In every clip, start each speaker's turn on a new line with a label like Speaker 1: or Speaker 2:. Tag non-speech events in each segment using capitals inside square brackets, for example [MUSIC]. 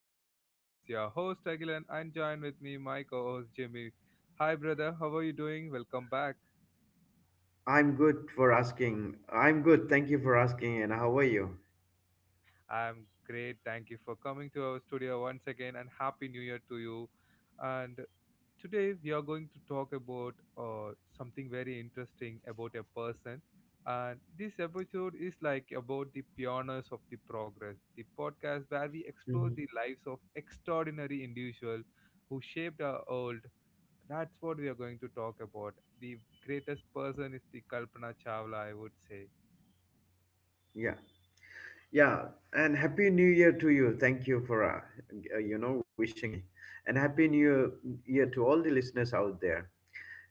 Speaker 1: podcast. This is your host Agilan and join with me my co-host Jimmy. Hi brother, how are you doing? Welcome back.
Speaker 2: I'm good for asking. I'm good. Thank you for asking. And how are you?
Speaker 1: I'm great. Thank you for coming to our studio once again and happy new year to you. And today, we are going to talk about something very interesting about a person. And this episode is like about the pioneers of the progress, the podcast where we
Speaker 2: Mhm.
Speaker 1: explore the lives of extraordinary individuals who shaped our world. That's what we are going to talk about. The greatest person is the Kalpana Chawla, I would say.
Speaker 2: Yeah. Yeah, and happy new year to you. Thank you for, wishing me. And happy new year to all the listeners out there.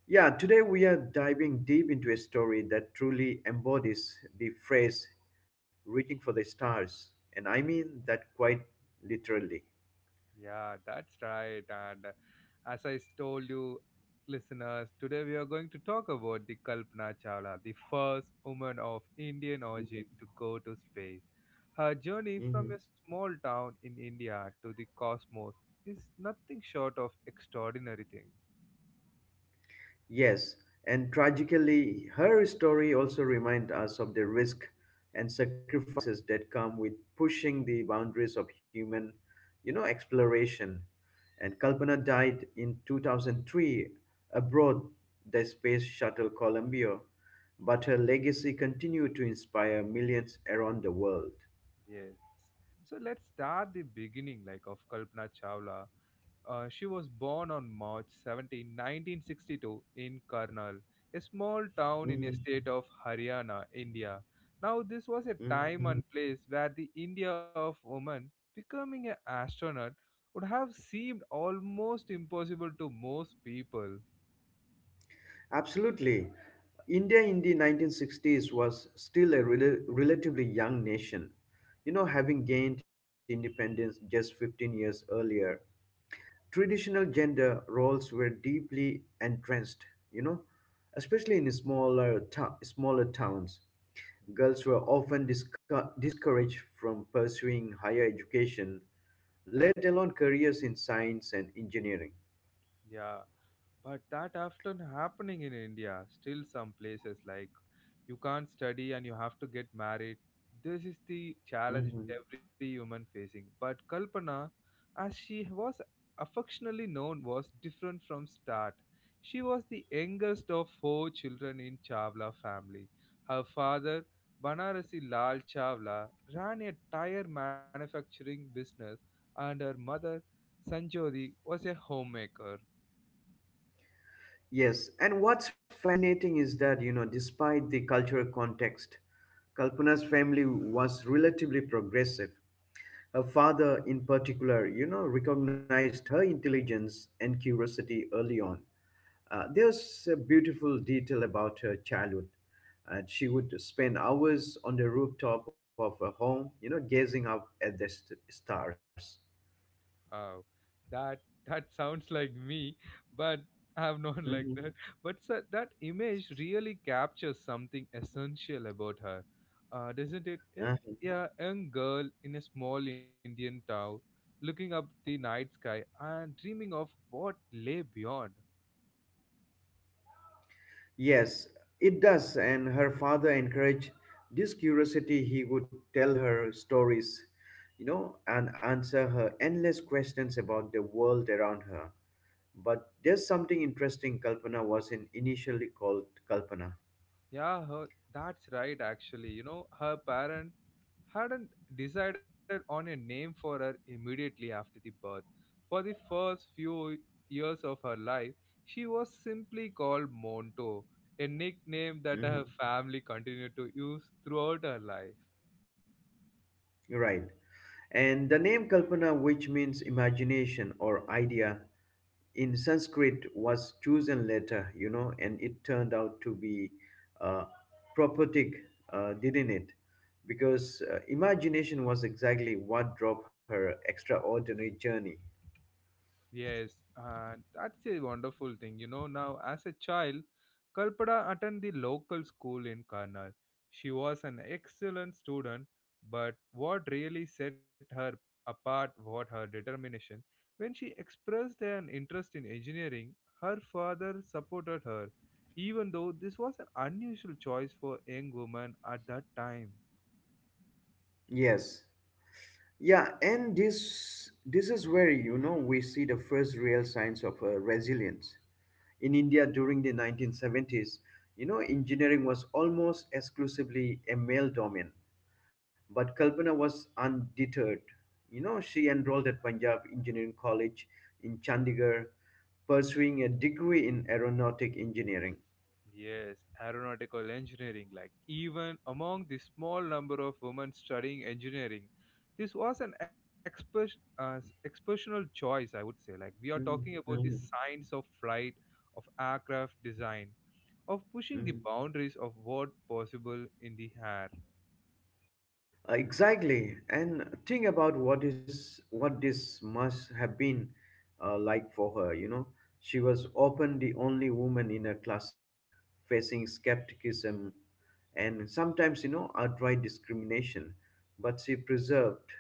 Speaker 2: Yeah. Today we are diving deep into a story that truly embodies the phrase reaching for the stars. And I mean that quite literally.
Speaker 1: Yeah, that's right. And as I told you, listeners, today we are going to talk about the Kalpana Chawla, the first woman of Indian
Speaker 2: Mhm.
Speaker 1: origin to go to space. Her journey from
Speaker 2: Mhm.
Speaker 1: a small town in India to the cosmos is nothing short of extraordinary thing.
Speaker 2: Yes, and tragically, her story also reminds us of the risk and sacrifices that come with pushing the boundaries of human, exploration. And Kalpana died in 2003 aboard the space shuttle Columbia, but her legacy continued to inspire millions around the world.
Speaker 1: Yes. So let's start the beginning like of Kalpana Chawla. She was born on March 17, 1962, in Karnal, a small town in a
Speaker 2: Mhm,
Speaker 1: state of Haryana, India. Now, this was a
Speaker 2: mhm.
Speaker 1: time and place where the India of woman becoming an astronaut would have seemed almost impossible to most people.
Speaker 2: Absolutely. India in the 1960s was still a relatively young nation, you know, having gained independence just 15 years earlier. Traditional gender roles were deeply entrenched, you know, especially in smaller towns. Girls were often discouraged from pursuing higher education, let alone careers in science and engineering.
Speaker 1: Yeah, but that often happening in India, still some places like you can't study and you have to get married. This is the challenge every human facing. But Kalpana, as she was affectionately known, was different from start. She was the youngest of four children in Chawla family. Her father, Banarasi Lal Chawla, ran a tire manufacturing business, and her mother, Sanjodi, was a homemaker.
Speaker 2: Yes, and what's fascinating is that, you know, despite the cultural context, Kalpana's family was relatively progressive. Her father, in particular, you know, recognized her intelligence and curiosity early on. There's a beautiful detail about her childhood. She would spend hours on the rooftop of her home, you know, gazing up at the stars.
Speaker 1: Oh, that that sounds like me, but I'm not [LAUGHS] like
Speaker 2: Hmm.
Speaker 1: that. But so that image really captures something essential about her, doesn't it? Like, yeah, a young girl in a small Indian town, looking up the night sky and dreaming of what lay beyond.
Speaker 2: Yes, it does, and her father encouraged this curiosity. He would tell her stories, you know, and answer her endless questions about the world around her. But there's something interesting. Kalpana was in initially called Kalpana.
Speaker 1: Yeah, her, that's right. Actually, you know, her parent hadn't decided on a name for her immediately after the birth. For the first few years of her life, she was simply called Monto, a nickname that her
Speaker 2: Hmm.
Speaker 1: family continued to use throughout her life.
Speaker 2: Right. And the name Kalpana, which means imagination or idea, in Sanskrit was chosen later, you know, and it turned out to be uh, prophetic, didn't it? Because imagination was exactly what drove her extraordinary journey.
Speaker 1: Yes, and that's a wonderful thing. You know, now as a child, Kalpada attended the local school in Karnal. She was an excellent student, but what really set her apart was her determination. When she expressed an interest in engineering, her father supported her, even though this was an unusual choice for a young woman at that time.
Speaker 2: Yes. Yeah, and this is where you know we see the first real signs of resilience in India during the 1970s. You know, engineering was almost exclusively a male domain, but Kalpana was undeterred. You know, she enrolled at Punjab Engineering College in Chandigarh, pursuing a degree in aeronautic engineering.
Speaker 1: Yes, aeronautical engineering. Like, even among the small number of women studying engineering, this was an exceptional choice, I would say. Like, we are talking
Speaker 2: Mhm,
Speaker 1: about the
Speaker 2: mhm,
Speaker 1: science of flight, of aircraft design, of pushing the
Speaker 2: mhm.
Speaker 1: boundaries of what possible in the air.
Speaker 2: Exactly, and think about what this must have been like for her. You know, she was often the only woman in her classes, facing skepticism and sometimes you know outright discrimination. But she preserved,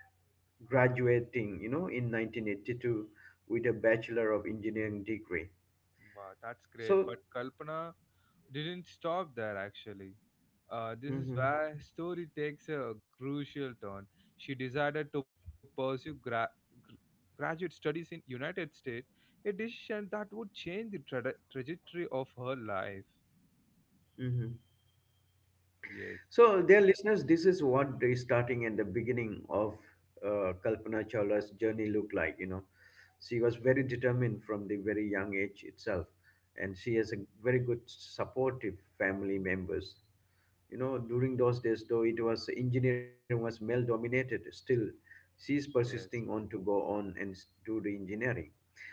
Speaker 2: graduating you know in 1982 with a Bachelor of Engineering degree.
Speaker 1: Wow, that's great.
Speaker 2: So,
Speaker 1: But Kalpana didn't stop there actually. This is
Speaker 2: mm-hmm,
Speaker 1: where story takes a crucial turn. She decided to pursue gr- graduate studies in United States, a decision that would change the trajectory of her life.
Speaker 2: mm-hmm.
Speaker 1: Yes,
Speaker 2: So, dear listeners, this is what the starting and the beginning of Kalpana Chawla's journey looked like. You know, she was very determined from the very young age itself, and she has a very good supportive family members. You know, during those days, though it was engineering was male dominated, still she's
Speaker 1: yes.
Speaker 2: persisting on to go on and do the engineering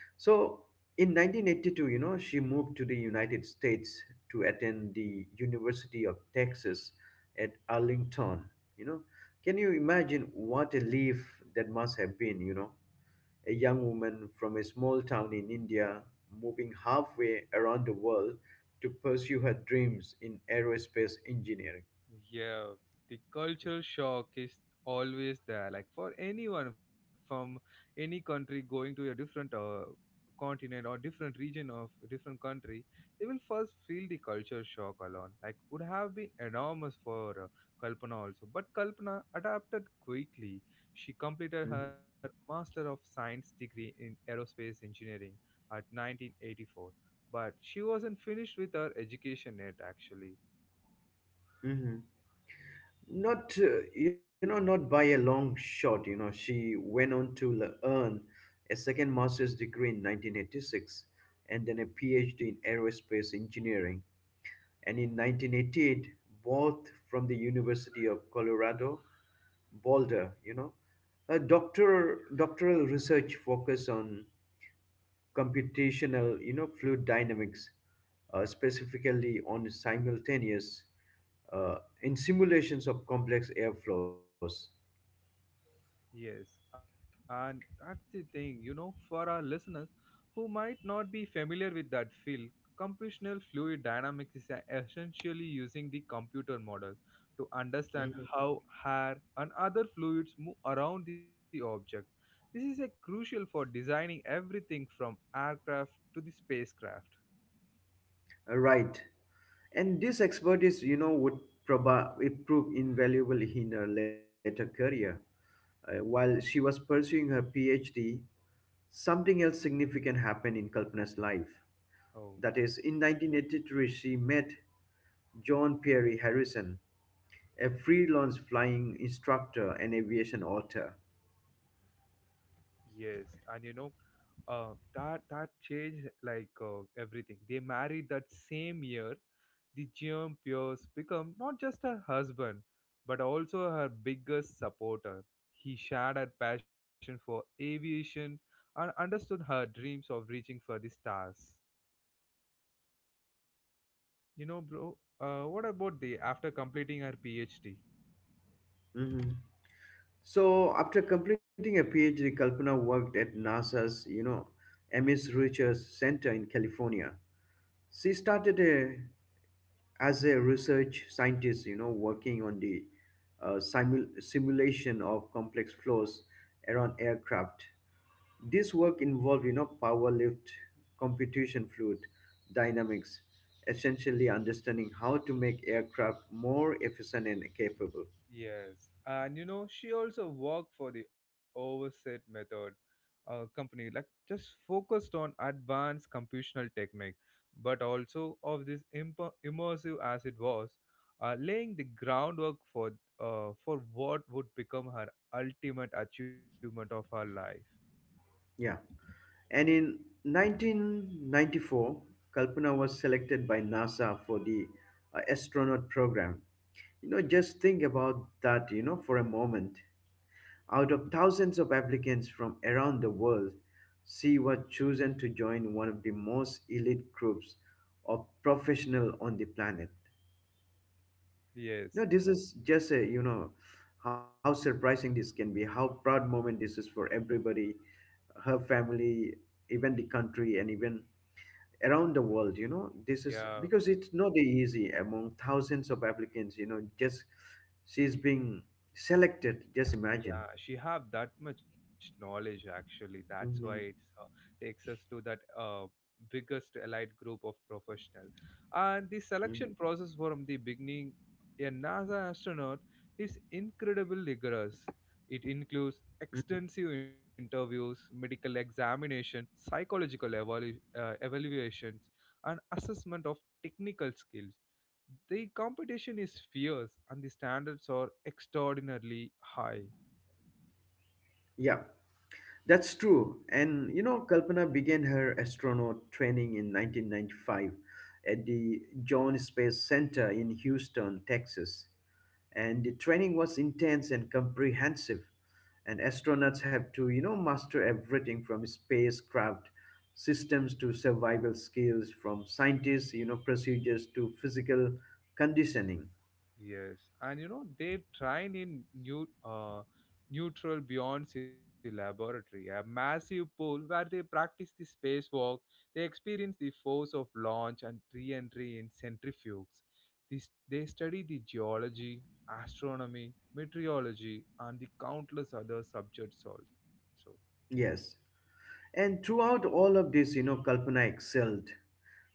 Speaker 2: so in 1982, you know, she moved to the United States to attend the University of Texas at Arlington. You know, can you imagine what a leaf that must have been? You know, a young woman from a small town in India moving halfway around the world to pursue her dreams in aerospace engineering.
Speaker 1: Yeah, the culture shock is always there. Like for anyone from any country going to a different continent or different region of different country, they will first feel the culture shock alone. Like would have been enormous for Kalpana also. But Kalpana adapted quickly. She completed
Speaker 2: Mhm.
Speaker 1: her Master of Science degree in aerospace engineering at 1984. But she wasn't finished with her education yet, actually.
Speaker 2: Mhm. Not you know, not by a long shot. You know, she went on to earn a second master's degree in 1986, and then a PhD in aerospace engineering, and in 1988, both from the University of Colorado Boulder. You know, her doctoral research focused on computational, you know, fluid dynamics, specifically on simultaneous uh, in simulations of complex airflows.
Speaker 1: Yes, and that's the thing, you know, for our listeners who might not be familiar with that field, computational fluid dynamics is essentially using the computer model to understand
Speaker 2: Mhm.
Speaker 1: how air and other fluids move around the object. This is a crucial for designing everything from aircraft to the spacecraft.
Speaker 2: Right. And this expertise, you know, would probably prove invaluable in her later career. While she was pursuing her PhD, something else significant happened in Kalpana's life.
Speaker 1: Oh,
Speaker 2: That is, in 1983, she met John Perry Harrison, a freelance flying instructor and aviation author.
Speaker 1: yes, and you know, that changed like everything. They married that same year. The Jean Pierce became not just her husband, but also her biggest supporter. He shared her passion for aviation and understood her dreams of reaching for the stars. You know, bro. What about the after completing her PhD?
Speaker 2: Mhm. So, after completing a PhD, Kalpana worked at NASA's, you know, Ames Research Center in California. She started as a research scientist, you know, working on the simulation of complex flows around aircraft. This work involved, you know, power lift, computation fluid, dynamics, essentially understanding how to make aircraft more efficient and capable.
Speaker 1: Yes, and you know, she also worked for the Overset Method company, like just focused on advanced computational technique, but also of this immersive as it was, laying the groundwork for what would become her ultimate achievement of her life.
Speaker 2: Yeah. And in 1994, Kalpana was selected by NASA for the astronaut program. You know, just think about that, you know, for a moment. Out of thousands of applicants from around the world, she was chosen to join one of the most elite groups of professional on the planet. You
Speaker 1: Yes,
Speaker 2: know, this is just a, you know, how surprising this can be, how proud moment this is for everybody, her family, even the country, and even around the world. You know, this is
Speaker 1: yeah.
Speaker 2: because it's not easy. Among thousands of applicants, you know, just she's being selected, just imagine.
Speaker 1: Yeah, she have that much knowledge actually. That's why it's
Speaker 2: Hmm.
Speaker 1: takes us to that biggest allied group of professional. And the
Speaker 2: Hmm.
Speaker 1: selection process from the beginning, a NASA astronaut is incredibly rigorous. It includes extensive interviews, medical examination, psychological evaluations, and assessment of technical skills. The competition is fierce and the standards are extraordinarily high.
Speaker 2: Yeah. That's true. And you know, Kalpana began her astronaut training in 1995 at the Joint Space Center in Houston, Texas. And the training was intense and comprehensive. And astronauts have to, you know, master everything from spacecraft systems to survival skills, from scientists, you know, procedures to physical conditioning.
Speaker 1: Yes, and you know they train in new neutral Beyonce laboratory, a massive pool where they practice the spacewalk. They experience the force of launch and re-entry in centrifuges. This, they study the geology, astronomy, meteorology, and the countless other subjects also.
Speaker 2: Yes. And throughout all of this, you know, Kalpana excelled.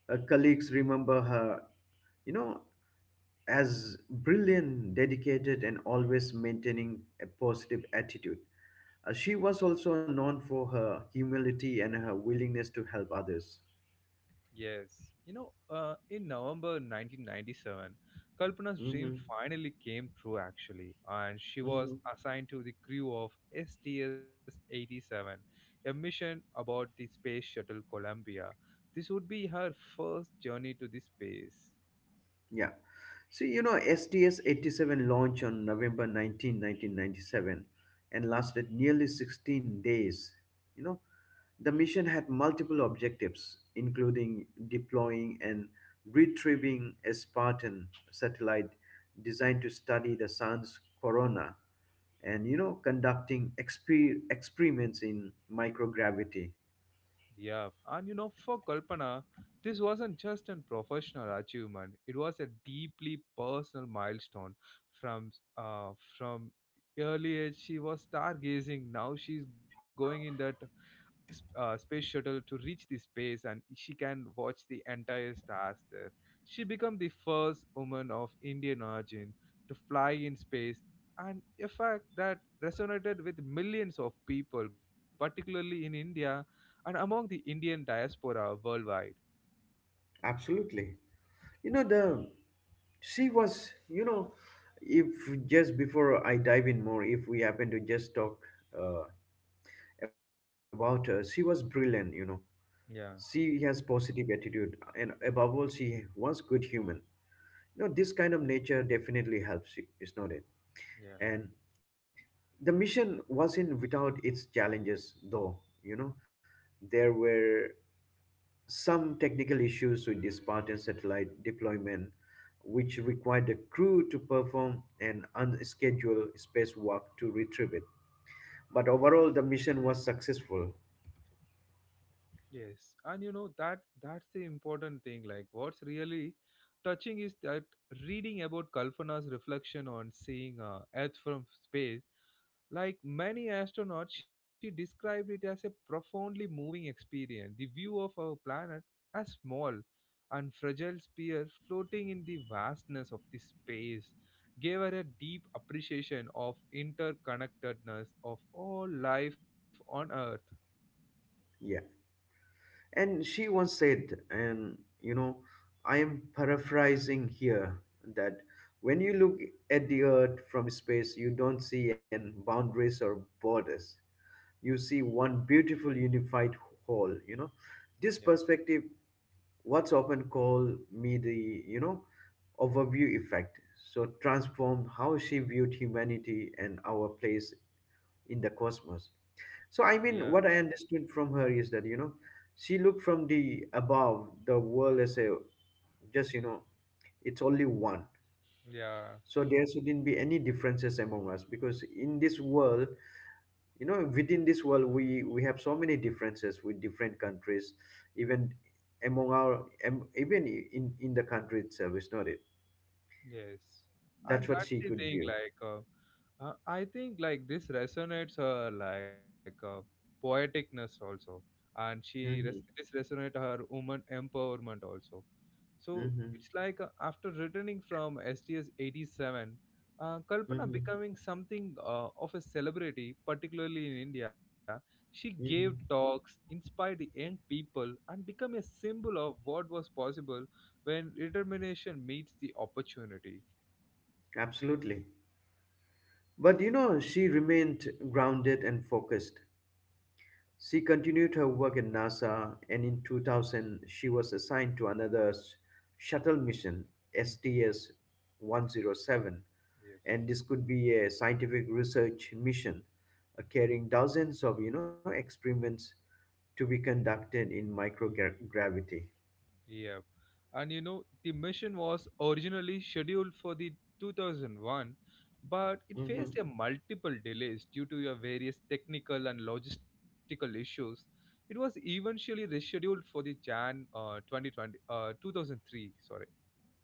Speaker 2: Her colleagues remember her, you know, as brilliant, dedicated, and always maintaining a positive attitude. She was also known for her humility and her willingness to help others.
Speaker 1: Yes. In November 1997, Kalpana's dream
Speaker 2: Hmm.
Speaker 1: finally came true actually, and she was
Speaker 2: Hmm.
Speaker 1: assigned to the crew of STS 87, a mission aboard the space shuttle Columbia. This would be her first journey to the space.
Speaker 2: Yeah. So, you know, STS-87 launched on 19th, 19, 1997, and lasted nearly 16 days. You know, the mission had multiple objectives, including deploying and retrieving a Spartan satellite designed to study the sun's corona, and, you know, conducting experiments in microgravity.
Speaker 1: Yeah, and you know, for Kalpana, this wasn't just a professional achievement; it was a deeply personal milestone. From uh, from early age, she was stargazing. Now she's going in that space shuttle to reach the space and she can watch the entire stars there. She became the first woman of Indian origin to fly in space and a fact that resonated with millions of people, particularly in India and among the Indian diaspora worldwide.
Speaker 2: Absolutely. You know, the she was, you know, if just before I dive in more, if we happen to just talk uh, about her, she was brilliant, you know.
Speaker 1: Yeah,
Speaker 2: She has positive attitude and above all, she was good human. You know, this kind of nature definitely helps you, is not it?
Speaker 1: yeah,
Speaker 2: And the mission wasn't without its challenges, though, you know. There were some technical issues with the Spartan satellite deployment, which required the crew to perform an unscheduled spacewalk to retrieve it. But overall, the mission was successful.
Speaker 1: yes, and you know that that's the important thing. Like, what's really touching is that reading about Kalpana's reflection on seeing Earth from space. Like many astronauts, she described it as a profoundly moving experience. The view of our planet as small and fragile sphere floating in the vastness of the space gave her a deep appreciation of interconnectedness of all life on earth.
Speaker 2: Yeah. And she once said, and you know, I am paraphrasing here, that when you look at the Earth from space, you don't see any boundaries or borders. You see one beautiful unified whole, you know. This
Speaker 1: Yeah,
Speaker 2: perspective, what's often called me the you know overview effect, so transformed how she viewed humanity and our place in the cosmos. So
Speaker 1: yeah,
Speaker 2: I mean what I understood from her is that, you know, she looked from the above the world as a just, you know, it's only one.
Speaker 1: yeah.
Speaker 2: So there shouldn't be any differences among us, because in this world, you know, within this world, we have so many differences with different countries, even among our in the country itself, is not it?
Speaker 1: Yes, and
Speaker 2: That's what
Speaker 1: that's
Speaker 2: she
Speaker 1: the
Speaker 2: could
Speaker 1: thing.
Speaker 2: view.
Speaker 1: Like, I think like this resonates her like poeticness also, and she
Speaker 2: Hmm.
Speaker 1: this resonate her woman empowerment also. So
Speaker 2: Hmm.
Speaker 1: it's like after returning from STS 87, Kalpana
Speaker 2: Hmm.
Speaker 1: becoming something of a celebrity, particularly in India. She gave
Speaker 2: Hmm.
Speaker 1: talks, inspired the young people, and became a symbol of what was possible when determination meets the opportunity.
Speaker 2: Absolutely. But you know, she remained grounded and focused. She continued her work in NASA, and in 2000 she was assigned to another shuttle mission,
Speaker 1: Hmm,
Speaker 2: STS-107.
Speaker 1: yes.
Speaker 2: And this could be a scientific research mission, carrying dozens of you know experiments to be conducted in microgravity.
Speaker 1: Yeah. And you know, the mission was originally scheduled for the 2001, but it
Speaker 2: Hmm.
Speaker 1: faced a multiple delays due to your various technical and logistical issues. It was eventually rescheduled for the Jan uh, 2020 uh, 2003, sorry.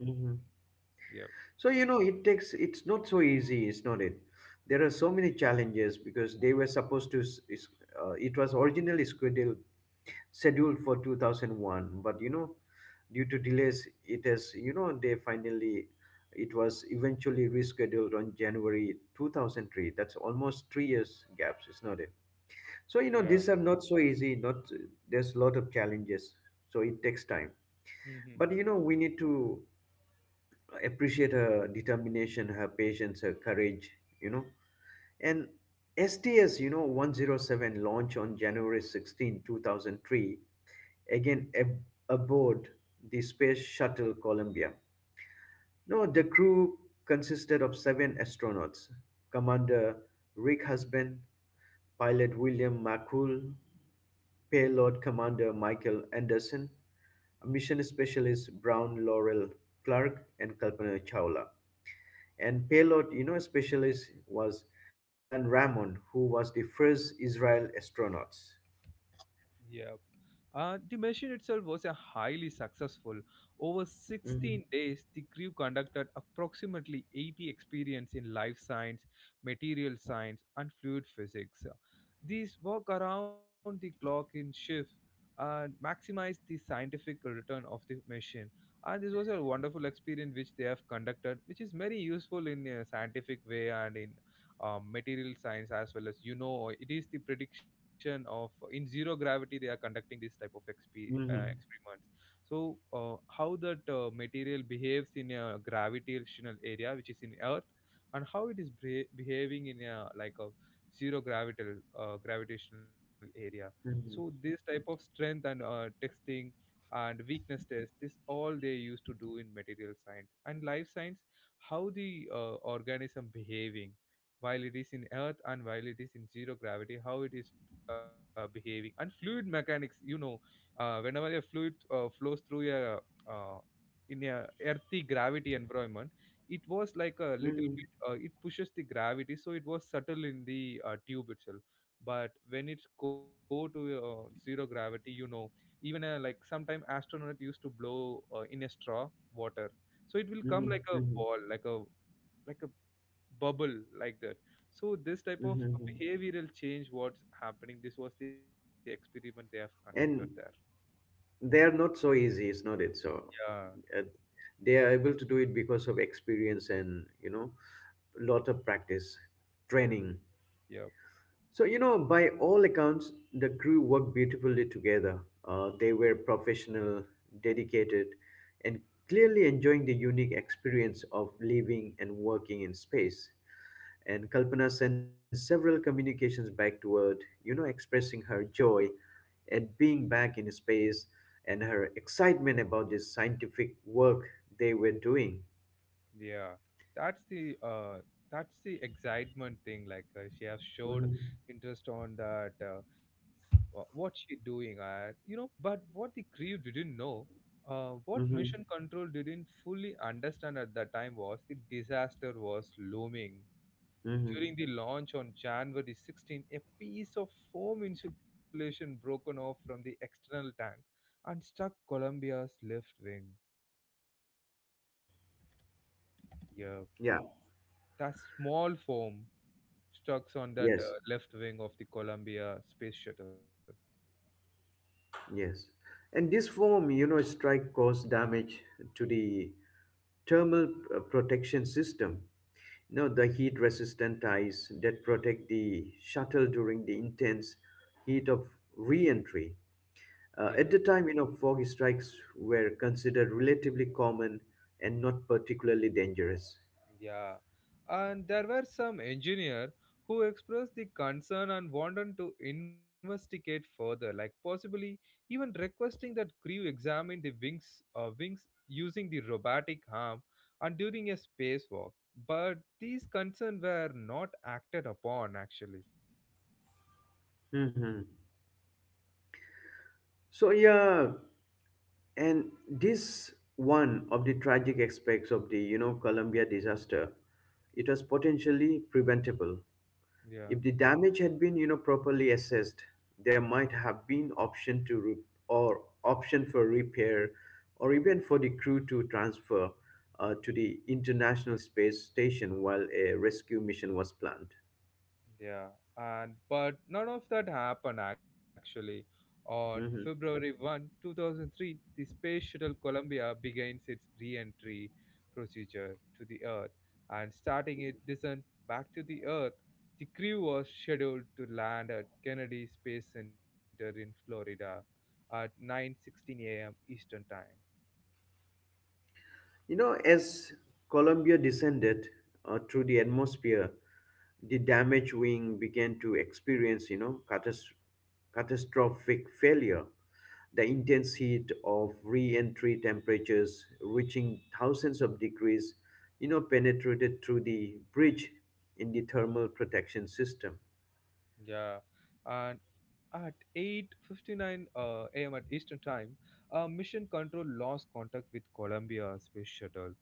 Speaker 2: Hmm.
Speaker 1: Yeah.
Speaker 2: So you know, it takes, it's not so easy, is not it? There are so many challenges, because they were supposed to it was originally scheduled for 2001, but you know, due to delays, it has, you know, they finally, it was eventually rescheduled on January 2003. That's almost 3 years gaps, is not it? So
Speaker 1: Yeah.
Speaker 2: you know, these are not so easy, not, there's a lot of challenges, so it takes time.
Speaker 1: Mhm,
Speaker 2: But
Speaker 1: mhm.
Speaker 2: you know, we need to appreciate her determination, her patience, her courage, you know. And STS, you know, 107 launched on January 16, 2003, again aboard the Space Shuttle Columbia. No, the crew consisted of seven astronauts: Commander Rick Husband, pilot William McCool, payload commander Michael Anderson, mission specialist Brown Laurel Clark, and Kalpana Chawla. And payload, you know, specialist was Ilan Ramon, who was the first Israel astronaut.
Speaker 1: Yeah. The mission itself was a highly successful. Over 16
Speaker 2: Mhm,
Speaker 1: days, the crew conducted approximately 80 experiments in life science, material science, and fluid physics. These work around the clock in shift and maximize the scientific return of the mission. And this was a wonderful experience which they have conducted, which is very useful in a scientific way and in material science, as well as you know it is the prediction of in zero gravity they are conducting this type of
Speaker 2: mhm,
Speaker 1: experiments. So how that material behaves in a gravitational area which is in earth, and how it is behaving in a like a zero gravitational gravitational area. So this
Speaker 2: mhm,
Speaker 1: type of strength and testing and weakness test, this all they used to do in material science and life science, how the organism behaving while it is in earth and while it is in zero gravity, how it is behaving. And fluid mechanics, you know, whenever a fluid flows through a uh, in a earthy gravity environment, it was like a little
Speaker 2: mhm,
Speaker 1: bit it pushes the gravity, so it was subtle in the tube itself. But when it's go to zero gravity, you know, even like sometime astronaut used to blow in a straw water, so it will
Speaker 2: mhm,
Speaker 1: come like a
Speaker 2: mhm,
Speaker 1: ball, like a bubble, like that. So this type of
Speaker 2: mhm.
Speaker 1: behavioral change what's happening, this was the experiment they have conducted there.
Speaker 2: And they are not so easy, is not it? So
Speaker 1: Yeah,
Speaker 2: uh, they are able to do it because of experience and you know, lot of practice, training.
Speaker 1: yeah,
Speaker 2: So you know, by all accounts, the crew worked beautifully together. They were professional, dedicated, and clearly enjoying the unique experience of living and working in space. And Kalpana sent several communications back toward, you know, expressing her joy at being back in space and her excitement about this scientific work they were doing.
Speaker 1: yeah, that's the uh that's the excitement thing. Like she has showed
Speaker 2: Mhm,
Speaker 1: interest on that what she doing, you know. But what the crew didn't know, what
Speaker 2: mhm,
Speaker 1: mission control didn't fully understand at that time was the disaster was looming.
Speaker 2: mhm.
Speaker 1: During the launch on January 16, a piece of foam insulation broken off from the external tank and struck Columbia's left wing. Yeah,
Speaker 2: Yeah,
Speaker 1: that small foam stuck on that
Speaker 2: yes,
Speaker 1: left wing of the Columbia space shuttle.
Speaker 2: yes. And this form, you know, strike caused damage to the thermal protection system. You know, the heat resistant ties that protect the shuttle during the intense heat of re entry.
Speaker 1: Yeah.
Speaker 2: At the time, you know, fog strikes were considered relatively common and not particularly dangerous.
Speaker 1: Yeah, and there were some engineer who expressed the concern and wanted to investigate further, like possibly even requesting that crew examine the wings, wings using the robotic arm and during a spacewalk. But these concerns were not acted upon, actually.
Speaker 2: Hmm. So yeah, and this one of the tragic aspects of the Columbia disaster, it was potentially preventable.
Speaker 1: Yeah.
Speaker 2: If the damage had been, properly assessed, there might have been option or option for repair, or even for the crew to transfer to the International Space Station while a rescue mission was planned.
Speaker 1: Yeah, and but none of that happened actually. On
Speaker 2: Mhm.
Speaker 1: February 1, 2003, the Space Shuttle Columbia begins its re-entry procedure to the Earth, and starting its descent back to the Earth, the crew was scheduled to land at Kennedy Space Center in Florida at 9:16 a.m. Eastern Time.
Speaker 2: As Columbia descended through the atmosphere, the damaged wing began to experience, catastrophic failure. The intense heat of re-entry temperatures reaching thousands of degrees, penetrated through the bridge in the thermal protection system.
Speaker 1: Yeah, and at 8:59 a.m. at Eastern Time, Mission Control lost contact with Columbia Space Shuttle.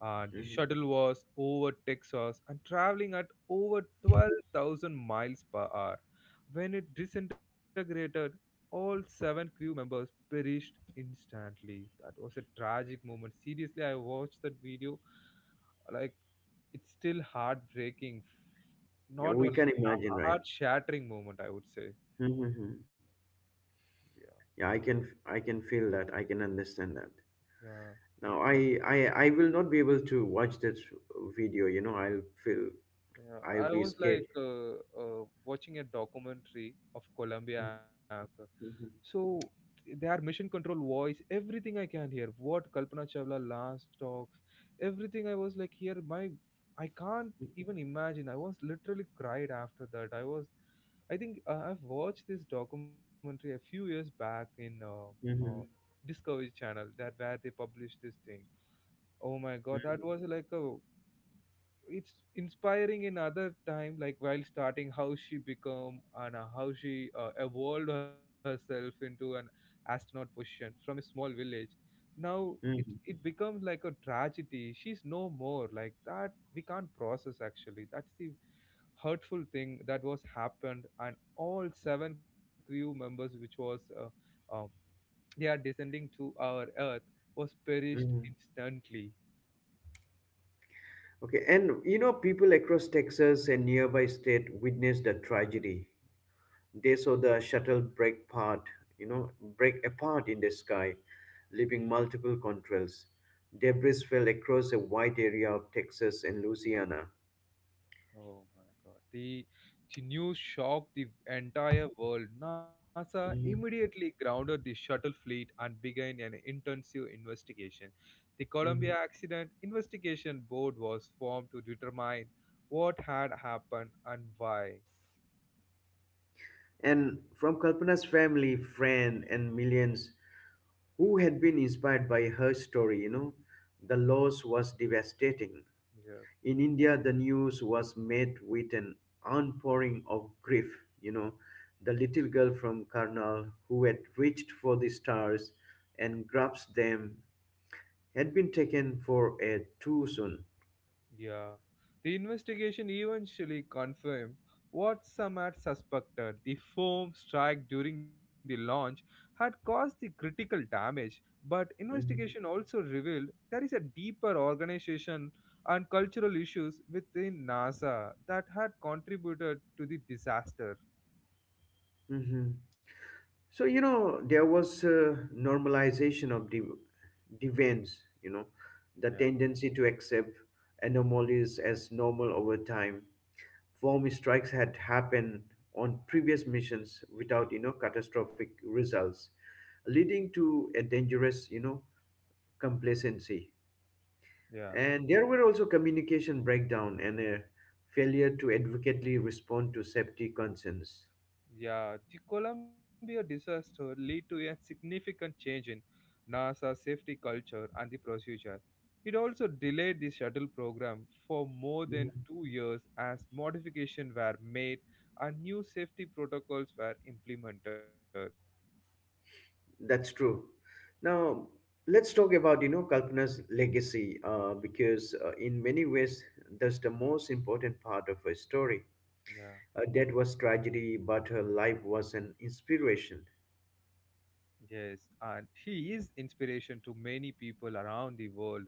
Speaker 1: The
Speaker 2: Mhm.
Speaker 1: shuttle was over Texas and traveling at over 12,000 miles per hour. When it disintegrated, all seven crew members perished instantly. That was a tragic moment. Seriously, I watched that video. Like, it's still heartbreaking.
Speaker 2: Yeah,
Speaker 1: Not only
Speaker 2: we can imagine,
Speaker 1: a
Speaker 2: right?
Speaker 1: heart shattering moment, I would say.
Speaker 2: Mhm, mhm.
Speaker 1: Yeah,
Speaker 2: Yeah, I can feel that. I can understand that.
Speaker 1: yeah,
Speaker 2: Now I will not be able to watch that video.
Speaker 1: yeah,
Speaker 2: I'll
Speaker 1: I
Speaker 2: be
Speaker 1: was
Speaker 2: scared.
Speaker 1: like watching a documentary of Colombia anchor.
Speaker 2: Mhm,
Speaker 1: So their mission control voice, everything, I can hear what Kalpana Chawla last talks, everything. I was like, here my, I can't even imagine. I was literally cried after that. I was, I think I've watched this documentary a few years back in uh,
Speaker 2: mhm,
Speaker 1: Discovery Channel, that where they published this thing. Oh my god, that was like a, it's inspiring in other time, like while starting, how she become and how she evolved herself into an astronaut position from a small village. Now it becomes like a tragedy. She's no more. Like that, we can't process actually. That's the hurtful thing that was happened. And all seven crew members, which was um, they are descending to our earth, was perished
Speaker 2: mhm.
Speaker 1: instantly.
Speaker 2: Okay, and people across Texas and nearby state witnessed the tragedy. They saw the shuttle you know, break apart in the sky, leaving multiple contrails. Debris fell across a wide area of Texas and Louisiana.
Speaker 1: Oh my God. The news shocked the entire world. NASA
Speaker 2: Mhm,
Speaker 1: immediately grounded the shuttle fleet and began an intensive investigation. The Columbia
Speaker 2: mhm.
Speaker 1: Accident Investigation Board was formed to determine what had happened and why.
Speaker 2: And from Kalpana's family, friend, and millions who had been inspired by her story, the loss was devastating.
Speaker 1: Yeah.
Speaker 2: In India, the news was met with an outpouring of grief. You know, the little girl from Karnal who had reached for the stars and grasped them had been taken for a too soon.
Speaker 1: Yeah. The investigation eventually confirmed what some had suspected. The foam strike during the launch had caused the critical damage, but
Speaker 2: Mhm.
Speaker 1: investigation also revealed there is a deeper organization and cultural issues within NASA that had contributed to the disaster.
Speaker 2: Mhm. So, there was a normalization of divans, the
Speaker 1: Yeah.
Speaker 2: tendency to accept anomalies as normal over time. Form strikes had happened on previous missions without, catastrophic results, leading to a dangerous, complacency.
Speaker 1: Yeah.
Speaker 2: And there were also communication breakdown and a failure to adequately respond to safety concerns.
Speaker 1: Yeah, the Columbia disaster led to a significant change in NASA safety culture and the procedure. It also delayed the shuttle program for more than 2 years as modifications were made and new safety protocols were implemented.
Speaker 2: That's true. Now, let's talk about, Kalpana's legacy, because in many ways, that's the most important part of her story.
Speaker 1: Yeah.
Speaker 2: Her death was tragedy, but her life was an inspiration.
Speaker 1: Yes, and she is inspiration to many people around the world.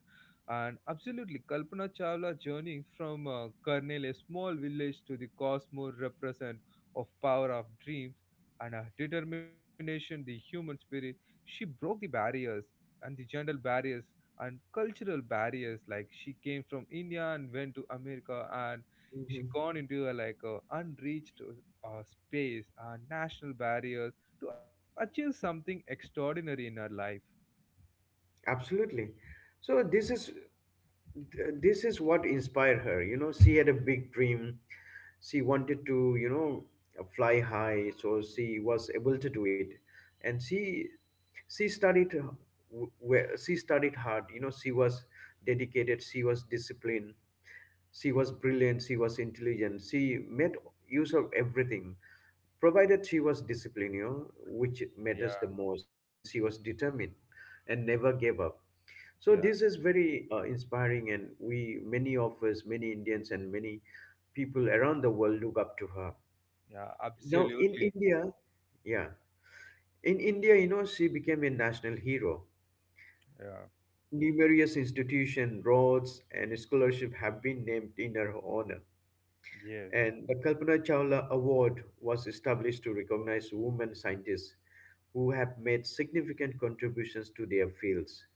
Speaker 1: And absolutely, Kalpana Chawla's journey from Karnal, a small village, to the cosmos represent of power of dreams and her determination, the human spirit. She broke the barriers and the gender barriers and cultural barriers. Like she came from India and went to America, and she
Speaker 2: Mhm.
Speaker 1: gone into a, like a unreached uh, space and national barriers to achieve something extraordinary in our life.
Speaker 2: Absolutely. So this is this is what inspired her. She had a big dream. She wanted to, fly high, so she was able to do it. And she studied w- where she studied hard. She was dedicated, she was disciplined, she was brilliant, she was intelligent. She made use of everything, provided she was disciplined,
Speaker 1: Yeah,
Speaker 2: which matters the most, and she was determined and never gave up, so
Speaker 1: yeah,
Speaker 2: this is very inspiring, and we, many of us, many Indians, and many people around the world look up to her.
Speaker 1: yeah,
Speaker 2: Now in
Speaker 1: absolutely.
Speaker 2: India, yeah, in India, you know, she became a national hero.
Speaker 1: Yeah,
Speaker 2: Numerous institutions, roads, and scholarship have been named in her honor.
Speaker 1: yes.
Speaker 2: And the Kalpana Chawla Award was established to recognize women scientists who have made significant contributions to their fields.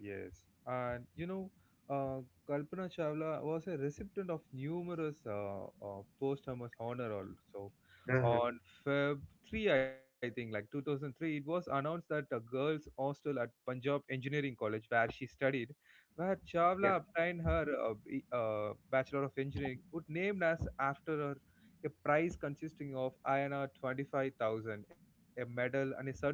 Speaker 1: Yes, and you know, uh, Kalpana Chawla was a recipient of numerous posthumous honor also.
Speaker 2: Uh-huh.
Speaker 1: On Feb 3, I think, like 2003, it was announced that a girls' hostel at Punjab Engineering College, where she studied, where
Speaker 2: Yeah.
Speaker 1: Chawla obtained her Bachelor of Engineering, would named as after her. A prize consisting of INR 25,000, a medal, and a certificate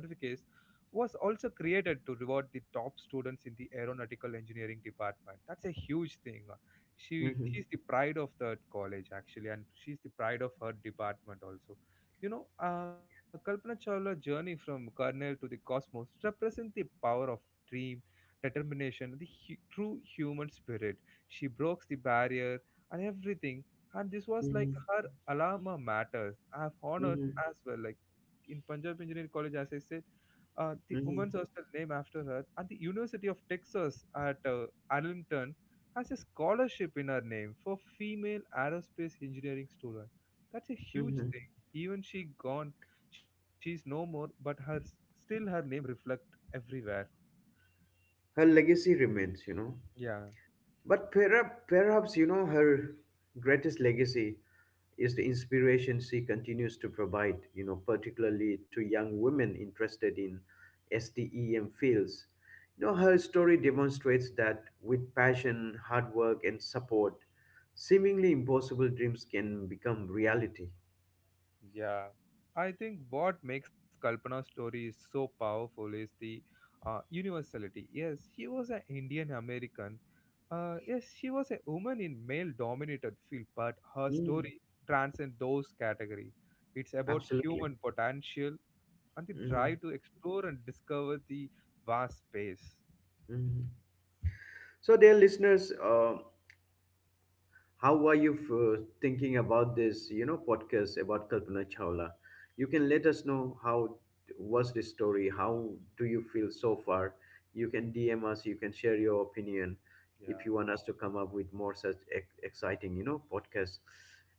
Speaker 1: was also created to reward the top students in the aeronautical engineering department. That's a huge thing. She
Speaker 2: Hmm.
Speaker 1: she's the pride of that college actually, and she's the pride of her department also. You know, Kalpana Chawla's journey from kernel to the cosmos represents the power of dream, determination, true human spirit. She broke the barrier and everything. And this was
Speaker 2: Hmm.
Speaker 1: like her alma mater. I have honored
Speaker 2: Hmm.
Speaker 1: as well. Like in Punjab Engineering College, as I said, the woman's
Speaker 2: Hmm.
Speaker 1: hostel named after her, and the University of Texas at Arlington has a scholarship in her name for female aerospace engineering student. That's a
Speaker 2: Hmm.
Speaker 1: huge thing. Even she gone, she's no more, but her, still her name reflect everywhere.
Speaker 2: Her legacy remains,
Speaker 1: Yeah.
Speaker 2: but perhaps, her greatest legacy is the inspiration she continues to provide, particularly to young women interested in STEM fields. Her story demonstrates that with passion, hard work, and support, seemingly impossible dreams can become reality.
Speaker 1: Yeah, I think what makes Kalpana's story so powerful is the universality. Yes, she was an Indian American. Yes, she was a woman in male-dominated field, but her
Speaker 2: Mm,
Speaker 1: story transcends those categories. It's
Speaker 2: absolutely.
Speaker 1: about human potential and the
Speaker 2: Mhm,
Speaker 1: drive to explore and discover the vast space.
Speaker 2: mhm. So, dear listeners, how are you thinking about this, podcast about Kalpana Chawla? You can let us know how was this story? How do you feel so far? You can DM us. You can share your opinion if you want
Speaker 1: Yeah.
Speaker 2: us to come up with more such exciting, podcasts.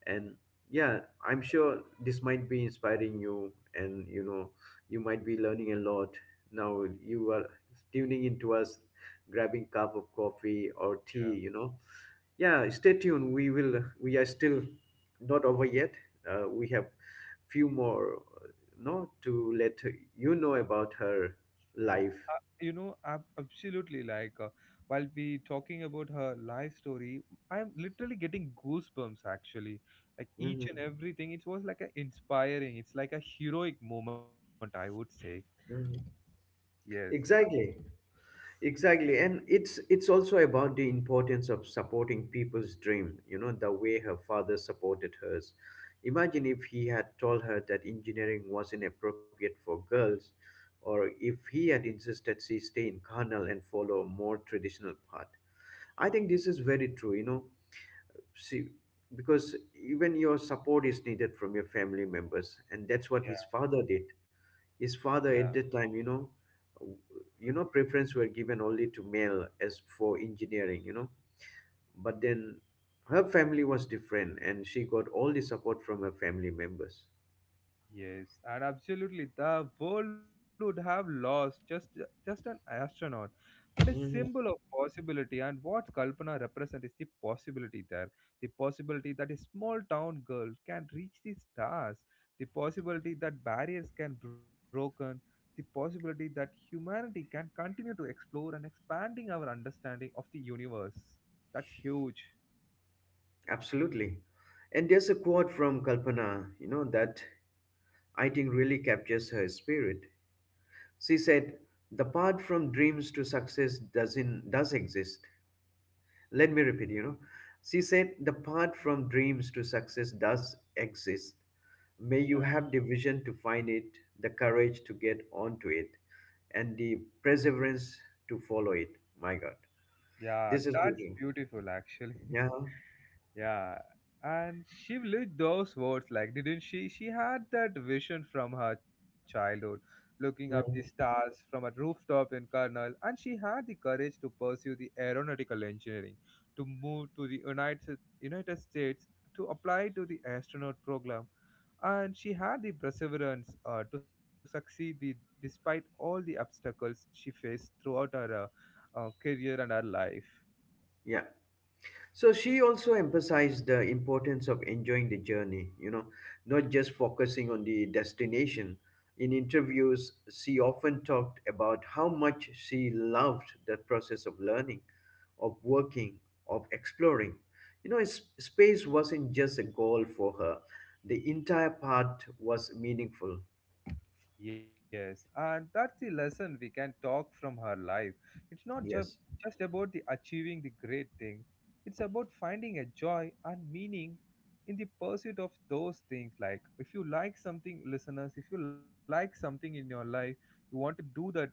Speaker 2: And yeah, I'm sure this might be inspiring you, and you might be learning a lot. Now you are tuning into us, grabbing cup of coffee or tea, yeah, stay tuned. We are still not over yet. We have few more no to let about her
Speaker 1: Uh,
Speaker 2: life.
Speaker 1: you know, absolutely. Like, while we talking about her life story, I'm literally getting goosebumps. Actually, like each and
Speaker 2: Mhm,
Speaker 1: everything, it was like a inspiring. It's like a heroic moment, I would say.
Speaker 2: mhm.
Speaker 1: Yes.
Speaker 2: Exactly, exactly, and it's also about the importance of supporting people's dream, the way her father supported hers. Imagine if he had told her that engineering was inappropriate for girls or if he had insisted she stay in carnal and follow a more traditional path. I think this is very true. See, because even your support is needed from your family members, and that's what
Speaker 1: Yeah.
Speaker 2: his father did. His
Speaker 1: Yeah.
Speaker 2: father at that time, preference were given only to male as for engineering. But then her family was different, and she got all the support from her family members.
Speaker 1: Yes, and absolutely, the world would have lost just an astronaut, but a symbol of
Speaker 2: Mhm.
Speaker 1: possibility. And what Kalpana represents is the possibility there, the possibility that a small town girl can reach the stars, the possibility that barriers can broken, the possibility that humanity can continue to explore and expanding our understanding of the universe. That's huge.
Speaker 2: Absolutely. And there's a quote from Kalpana, that I think really captures her spirit. She said, the path from dreams to success doesn't does exist. Let me repeat. She said, the path from dreams to success does exist. May you
Speaker 1: Yeah,
Speaker 2: have the vision to find it, the courage to get onto it, and the perseverance to follow it. My God.
Speaker 1: yeah,
Speaker 2: This is
Speaker 1: that's
Speaker 2: beautiful.
Speaker 1: beautiful actually.
Speaker 2: Yeah.
Speaker 1: [LAUGHS] Yeah, and she lived those words, like, didn't she? She had that vision from her childhood, looking up the
Speaker 2: Mhm.
Speaker 1: stars from a rooftop in Karnal, and she had the courage to pursue the aeronautical engineering, to move to the United States, to apply to the astronaut program, and she had the perseverance to succeed the, despite all the obstacles she faced throughout her career and her life.
Speaker 2: Yeah. So she also emphasized the importance of enjoying the journey, not just focusing on the destination. In interviews, she often talked about how much she loved the process of learning, of working, of exploring. Space wasn't just a goal for her; the entire part was meaningful.
Speaker 1: Yes, and that's the lesson we can talk from her life. It's not ju-
Speaker 2: Yes.
Speaker 1: just about the achieving the great things. It's about finding a joy and meaning in the pursuit of those things. Like if you like something, listeners, if you like something in your life, you want to do that thing,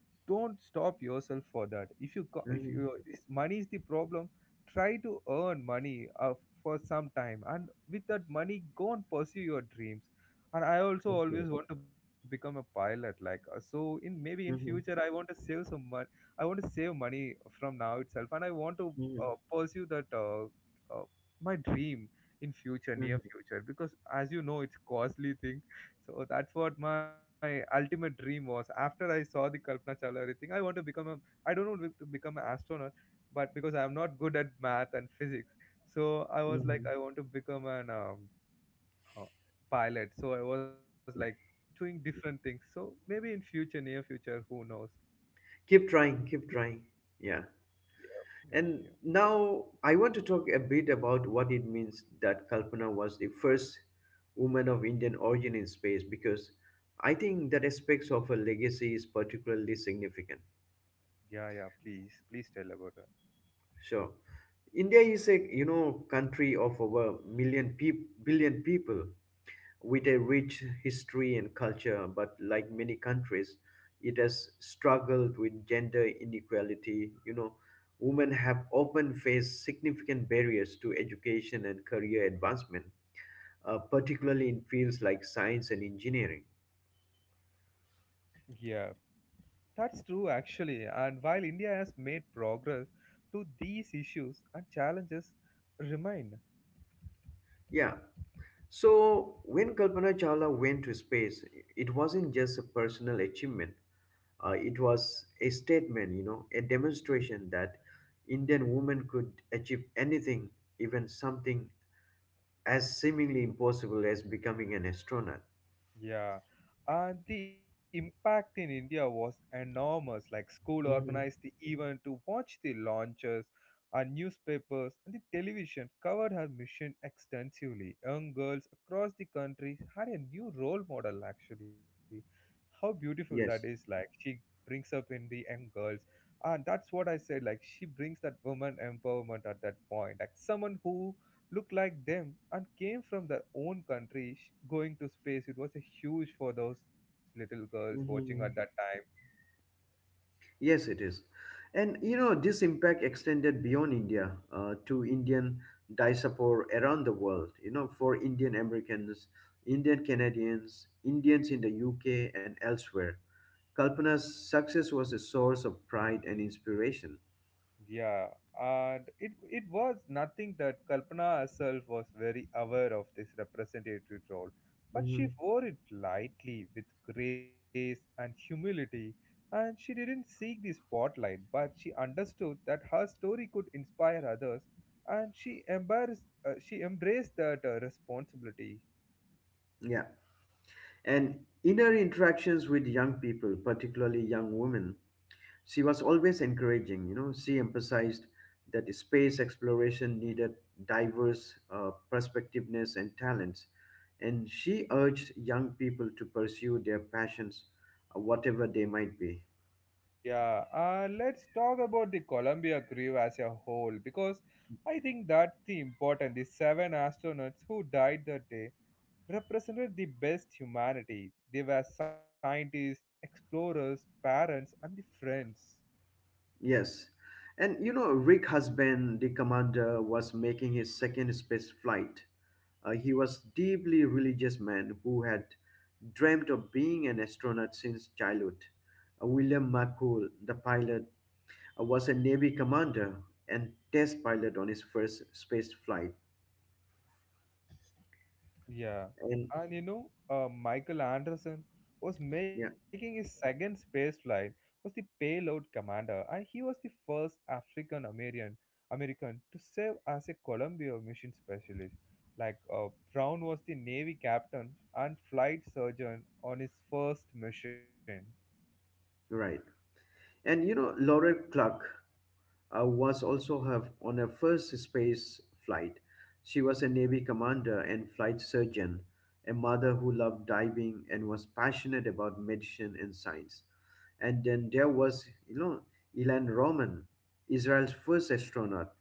Speaker 1: don't stop yourself for that. If
Speaker 2: Hmm.
Speaker 1: you, if money is the problem, try to earn money for some time, and with that money go and pursue your dreams. And I also always
Speaker 2: Okay.
Speaker 1: want to become a pilot, like so in maybe in future
Speaker 2: Hmm.
Speaker 1: I want to save some money. I want to save money from now itself, and I want to
Speaker 2: Hmm.
Speaker 1: pursue that uh, my dream in future,
Speaker 2: Hmm.
Speaker 1: near future, because as you know it's costly thing. So that's what my ultimate dream was. After I saw the Kalpana Chawla everything, I want to become a, I don't want to become an astronaut, but because I'm not good at math and physics, so I was like
Speaker 2: Hmm.
Speaker 1: I want to become an uh, pilot. So I was like doing different things. So maybe in future, near future, who knows?
Speaker 2: Keep trying, keep trying. Yeah.
Speaker 1: Yep, yep, yep.
Speaker 2: And now I want to talk a bit about what it means that Kalpana was the first woman of Indian origin in space, because I think that aspects of her legacy is particularly significant.
Speaker 1: Yeah, yeah. Please, please tell about that.
Speaker 2: So, India is a country of over million peop billion people, with a rich history and culture, but like many countries, it has struggled with gender inequality. Women have often faced significant barriers to education and career advancement, particularly in fields like science and engineering.
Speaker 1: Yeah, that's true actually. And while India has made progress to these issues and challenges remain.
Speaker 2: Yeah. So when Kalpana Chawla went to space, it wasn't just a personal achievement. It was a statement, a demonstration that Indian women could achieve anything, even something as seemingly impossible as becoming an astronaut.
Speaker 1: Yeah, and the impact in India was enormous. Like school organized the
Speaker 2: Hmm.
Speaker 1: event to watch the launches, and newspapers and the television covered her mission extensively. Young girls across the country had a new role model. Actually, how beautiful that is! Like
Speaker 2: Yes.
Speaker 1: she brings up in the young girls, and that's what I said. Like she brings that woman empowerment at that point. Like someone who looked like them and came from their own country going to space. It was a huge for those little girls watching at that
Speaker 2: Hmm.
Speaker 1: time.
Speaker 2: Yes, it is. And this impact extended beyond India to Indian diaspora around the world. For Indian Americans, Indian Canadians, Indians in the UK and elsewhere. Kalpana's success was a source of pride and inspiration.
Speaker 1: Yeah, and it was nothing that Kalpana herself was very aware of this representative role, but
Speaker 2: Hmm.
Speaker 1: she wore it lightly with grace and humility. And she didn't seek the spotlight, but she understood that her story could inspire others, and she embraced that responsibility.
Speaker 2: Yeah. And in her interactions with young people, particularly young women, she was always encouraging. She emphasized that space exploration needed diverse perspectiveness and talents. And she urged young people to pursue their passions, whatever they might be.
Speaker 1: Yeah, let's talk about the Columbia crew as a whole, because I think that's the important. The seven astronauts who died that day represented the best humanity. They were scientists, explorers, parents, and the friends.
Speaker 2: Yes. And Rick Husband, the commander, was making his second space flight. He was deeply religious man who had dreamt of being an astronaut since childhood. William McCool, the pilot, was a Navy commander and test pilot on his first space flight.
Speaker 1: Yeah,
Speaker 2: And
Speaker 1: and you know, Michael Anderson was making
Speaker 2: yeah,
Speaker 1: his second space flight. Was the payload commander, and he was the first African American American to serve as a Columbia mission specialist. Like Brown was the Navy captain and flight surgeon on his first mission.
Speaker 2: right. And Laurel Clark, was also on her first space flight. She was a Navy commander and flight surgeon, a mother who loved diving and was passionate about medicine and science. And then there was, Ilan Roman, Israel's first astronaut,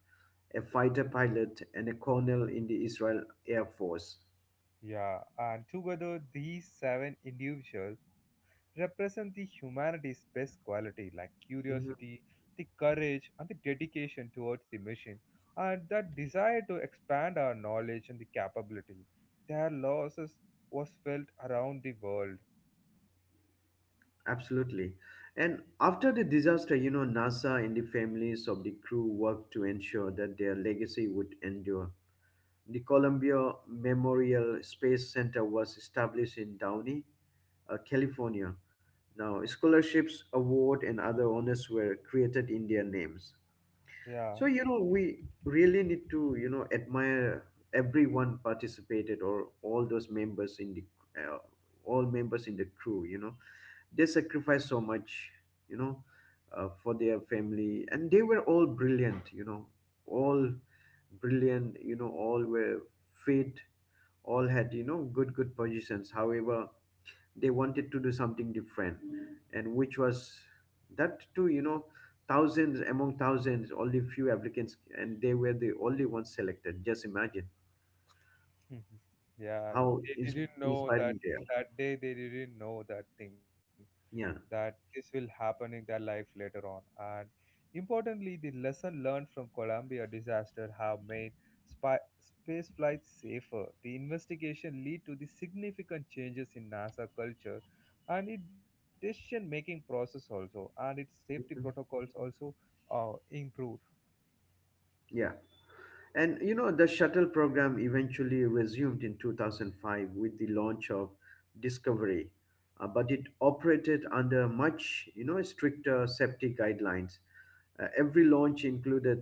Speaker 2: a fighter pilot, and a colonel in the Israel Air Force.
Speaker 1: Yeah, and together these seven individuals represent the humanity's best quality, like
Speaker 2: Mhm.
Speaker 1: curiosity, the courage, and the dedication towards the mission, and that desire to expand our knowledge and the capability. Their losses was felt around the world.
Speaker 2: Absolutely. And after the disaster, NASA and the families of the crew worked to ensure that their legacy would endure. The Columbia Memorial Space Center was established in Downey, California. Now, scholarships, award, and other honors were created in their names.
Speaker 1: Yeah,
Speaker 2: So we really need to admire everyone participated or all those members in the uh, all members in the crew. They sacrificed so much. You know for their family, and they were all brilliant. All brilliant. All were fit. All had good positions. However, they wanted to do something different, and which was that too, thousands among thousands only few applicants, and they were the only ones selected. Just imagine
Speaker 1: [LAUGHS] yeah,
Speaker 2: how
Speaker 1: they didn't know that
Speaker 2: inspiring they are.
Speaker 1: that day. They didn't know that thing,
Speaker 2: Yeah.
Speaker 1: that this will happen in their life later on. And importantly, the lesson learned from Columbia disaster have made space flight safer. The investigation lead to the significant changes in NASA culture and its decision making process also, and its safety
Speaker 2: Mhm.
Speaker 1: protocols also improved.
Speaker 2: Yeah. And the shuttle program eventually resumed in 2005 with the launch of Discovery, but it operated under much, stricter safety guidelines. Every launch included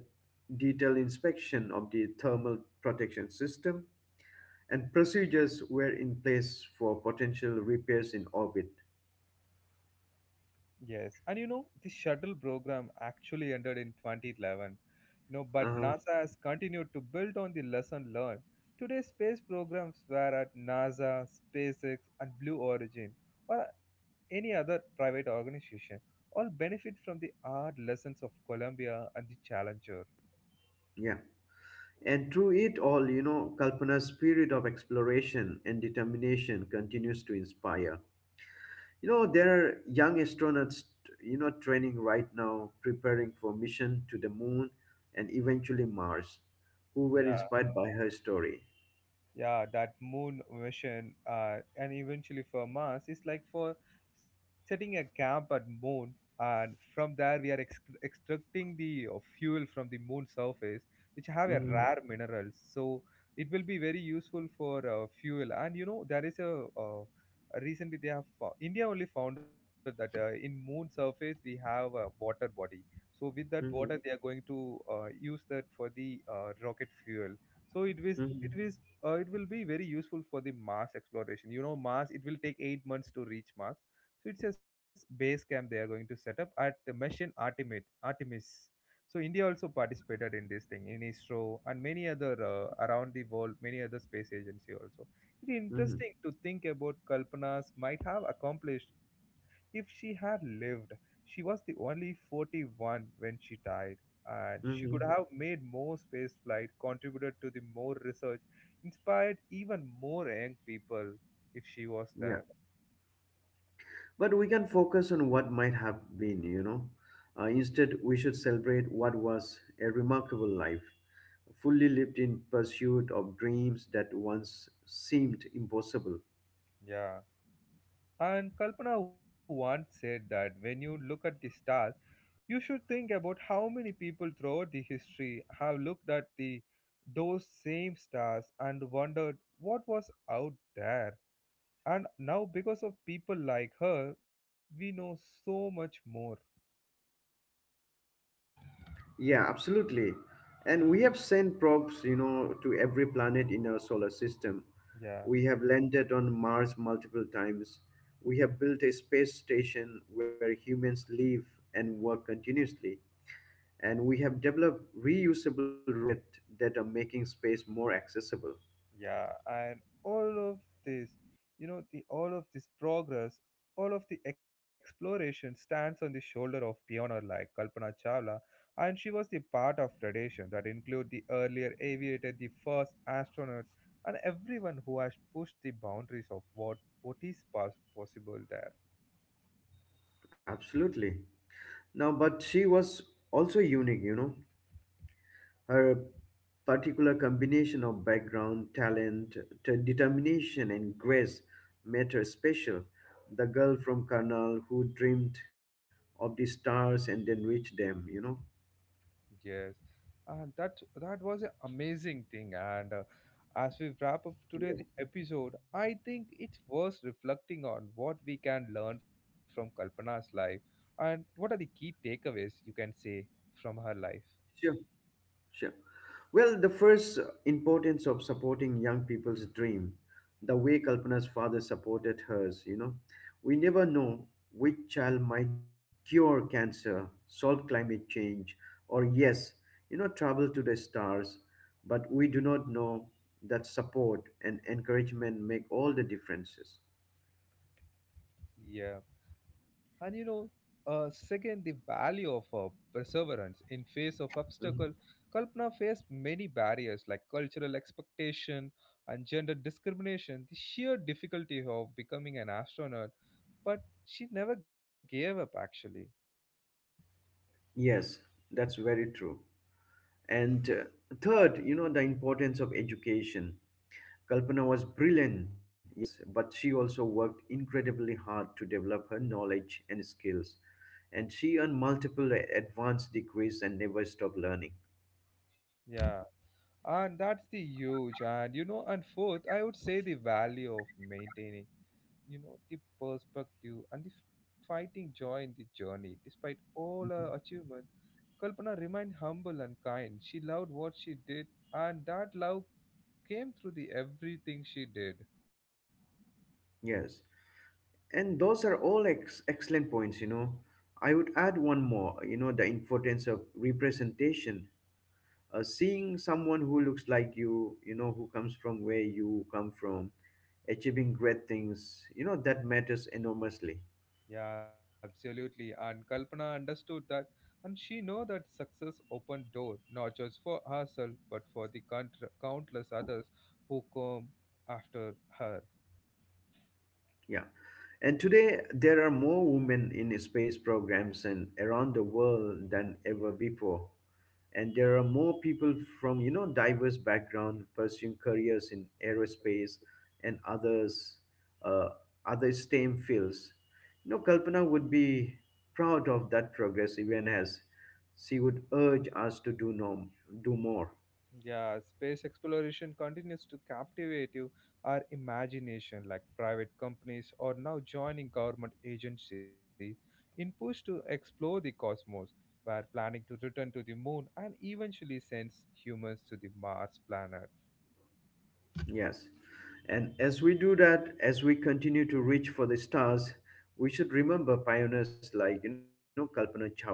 Speaker 2: detailed inspection of the thermal protection system, and procedures were in place for potential repairs in orbit.
Speaker 1: Yes, and you know, the shuttle program actually ended in 2011, you know, but
Speaker 2: Uh,
Speaker 1: NASA has continued to build on the lesson learned. Today, space programs were at NASA, SpaceX, and Blue Origin, or any other private organization, all benefit from the hard lessons of Columbia and the Challenger.
Speaker 2: yeah. And through it all, Kalpana's spirit of exploration and determination continues to inspire. There are young astronauts, training right now, preparing for mission to the moon and eventually Mars, who were
Speaker 1: Yeah.
Speaker 2: inspired by her story.
Speaker 1: Yeah, that moon mission, and eventually for Mars, is like for setting a camp at moon, and from there we are extracting the fuel from the moon surface, which have a
Speaker 2: Hmm.
Speaker 1: rare minerals. So it will be very useful for fuel. And you know, there is a recently they have india only found out that in moon surface we have a water body. So with that water
Speaker 2: Hmm.
Speaker 1: they are going to use that for the rocket fuel. So it was it
Speaker 2: Hmm.
Speaker 1: was it will be very useful for the Mars exploration. You know, Mars, it will take 8 months to reach Mars. So it's a base camp they are going to set up at the mission Artemis. Artemis. So India also participated in this thing in ISRO and many other, around the world, many other space agency also. It's
Speaker 2: Hmm.
Speaker 1: interesting to think about Kalpana's might have accomplished if she had lived. She was the only 41 when she died, and she could
Speaker 2: Hmm.
Speaker 1: have made more space flight, contributed to the more research, inspired even more young people if she was
Speaker 2: Yeah.
Speaker 1: there.
Speaker 2: But we can focus on what might have been. Instead, we should celebrate what was a remarkable life, fully lived in pursuit of dreams that once seemed impossible.
Speaker 1: Yeah. And Kalpana once said that when you look at the stars, you should think about how many people throughout the history have looked at the those same stars and wondered what was out there. And now because of people like her, we know so much more.
Speaker 2: Yeah, absolutely. And we have sent probes, to every planet in our solar system.
Speaker 1: Yeah.
Speaker 2: We have landed on Mars multiple times. We have built a space station where humans live and work continuously. And we have developed reusable rockets that are making space more accessible.
Speaker 1: Yeah, and all of this, the all of this progress, all of the exploration stands on the shoulder of pioneer like Kalpana Chawla, and she was the part of tradition that include the earlier aviator, the first astronaut, and everyone who has pushed the boundaries of what is possible there.
Speaker 2: Absolutely. Now, but she was also unique. Her particular combination of background, talent, determination, and grace made her special. The girl from Karnal who dreamed of the stars and then reached them.
Speaker 1: Yes, and that was an amazing thing. And as we wrap up today
Speaker 2: Yes.
Speaker 1: the episode, I think it's worth reflecting on what we can learn from Kalpana's life and what are the key takeaways you can say from her life.
Speaker 2: Sure. Sure. Well, the first importance of supporting young people's dream, the way Kalpana's father supported hers, we never know which child might cure cancer, solve climate change, or yes, travel to the stars, but we do not know that support and encouragement make all the differences.
Speaker 1: Yeah. And you know, second, the value of perseverance in face of
Speaker 2: Mhm.
Speaker 1: obstacle. Kalpana faced many barriers like cultural expectation and gender discrimination, the sheer difficulty of becoming an astronaut, but she never gave up actually.
Speaker 2: Yes, that's very true. And third, the importance of education. Kalpana was brilliant, yes, but she also worked incredibly hard to develop her knowledge and skills. And she earned multiple advanced degrees and never stopped learning.
Speaker 1: Yeah. And that's the huge. And you know, and fourth, I would say the value of maintaining, you know, the perspective and the fighting joy in the journey despite all her achievements, Kalpana remained humble and kind. She loved what she did, and that love came through the everything she did.
Speaker 2: Yes. And those are all excellent points. I would add one more, the importance of representation. Seeing someone who looks like you, who comes from where you come from, achieving great things, that matters enormously.
Speaker 1: Yeah, absolutely. And Kalpana understood that, and she know that success opened door not just for herself but for the countless others who come after her.
Speaker 2: Yeah. And today, there are more women in space programs and around the world than ever before. And there are more people from, diverse background pursuing careers in aerospace and others, uh, other STEM fields. Kalpana would be proud of that progress, even as she would urge us to do, no, do more.
Speaker 1: Yeah, space exploration continues to captivate you, our imagination, like private companies are now joining government agencies in push to explore the cosmos, were planning to return to the moon and eventually send humans to the Mars planet.
Speaker 2: Yes. And as we do that, as we continue to reach for the stars, we should remember pioneers like, Kalpana Chawla.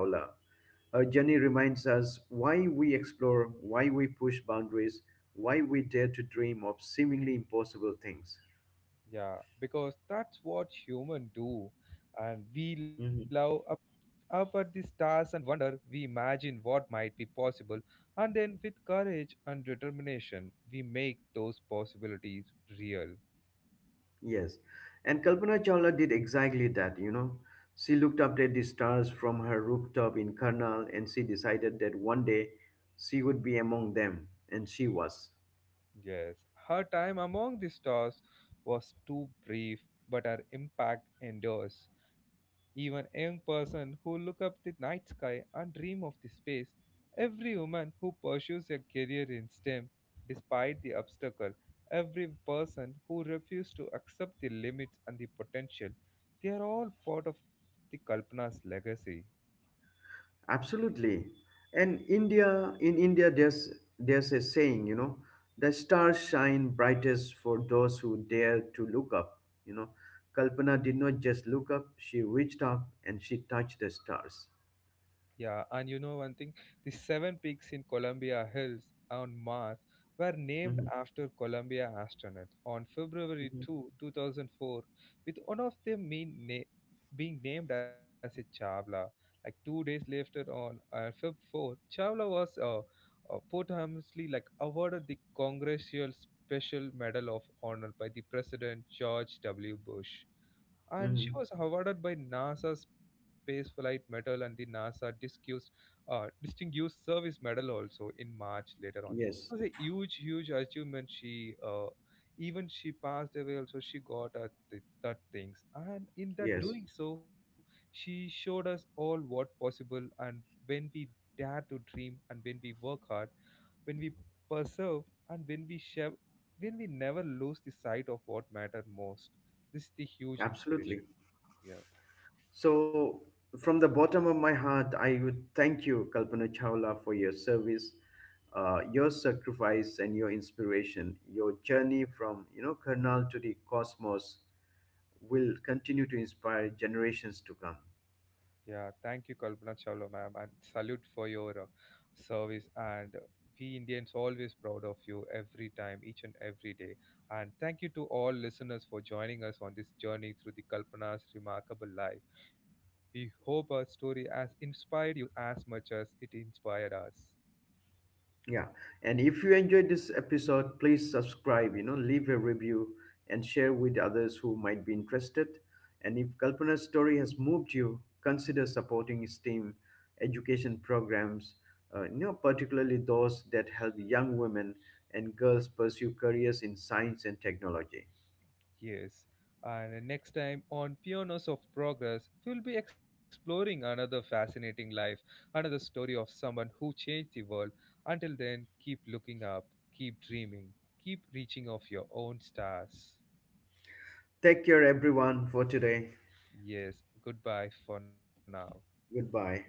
Speaker 2: Her journey reminds us why we explore, why we push boundaries, why we dare to dream of seemingly impossible things.
Speaker 1: Yeah, because that's what humans do. And we
Speaker 2: Mhm.
Speaker 1: love up, up at the stars and wonder, we imagine what might be possible. And then, with courage and determination, we make those possibilities real.
Speaker 2: Yes. And Kalpana Chawla did exactly that. She looked up at the stars from her rooftop in Karnal, and she decided that one day she would be among them, and she was.
Speaker 1: Yes, her time among the stars was too brief, but her impact endures. Even young person who look up the night sky and dream of the space, every woman who pursues a career in STEM despite the obstacle, every person who refuses to accept the limits and the potential, they are all part of the Kalpana's legacy.
Speaker 2: Absolutely. in India, there's a saying, the stars shine brightest for those who dare to look up. You know, Kalpana did not just look up; she reached up and she touched the stars.
Speaker 1: Yeah, and you know one thing, the seven peaks in Columbia Hills on Mars were named
Speaker 2: Hmm.
Speaker 1: after Columbia astronauts on February 2, 2, 2004, with one of them being named as a Chavla. Like 2 days later on Feb 4, Chavla was posthumously like awarded the Congressional Special Medal of Honor by the President George W. Bush, and she
Speaker 2: Hmm.
Speaker 1: was awarded by NASA Space Flight Medal and the NASA Discus, Distinguished Service Medal also in March later on. It
Speaker 2: Yes,
Speaker 1: was a huge, huge achievement. She even she passed away also. She got that things, and in that
Speaker 2: yes,
Speaker 1: doing so, she showed us all what possible. And when we dare to dream, and when we work hard, when we persevere, and when we share, when we never lose the sight of what mattered most. This is the huge inspiration.
Speaker 2: absolutely.
Speaker 1: Yeah,
Speaker 2: So, from the bottom of my heart, I would thank you, Kalpana Chawla, for your service, your sacrifice, and your inspiration. Your journey from Karnal to the cosmos will continue to inspire generations to come.
Speaker 1: yeah. Thank you, Kalpana Chawla, ma'am, and salute for your service. And we Indians always proud of you every time, each and every day. And thank you to all listeners for joining us on this journey through the Kalpana's remarkable life. We hope our story has inspired you as much as it inspired us.
Speaker 2: Yeah, and if you enjoyed this episode, please subscribe, leave a review and share with others who might be interested. And if Kalpana's story has moved you, consider supporting STEAM education programs, particularly those that help young women and girls pursue careers in science and technology.
Speaker 1: Yes, and next time on Pioneers of Progress, we'll be exploring another fascinating life, another story of someone who changed the world. Until then, keep looking up, keep dreaming, keep reaching of your own stars.
Speaker 2: Take care, everyone, for today.
Speaker 1: Yes, goodbye for now.
Speaker 2: Goodbye.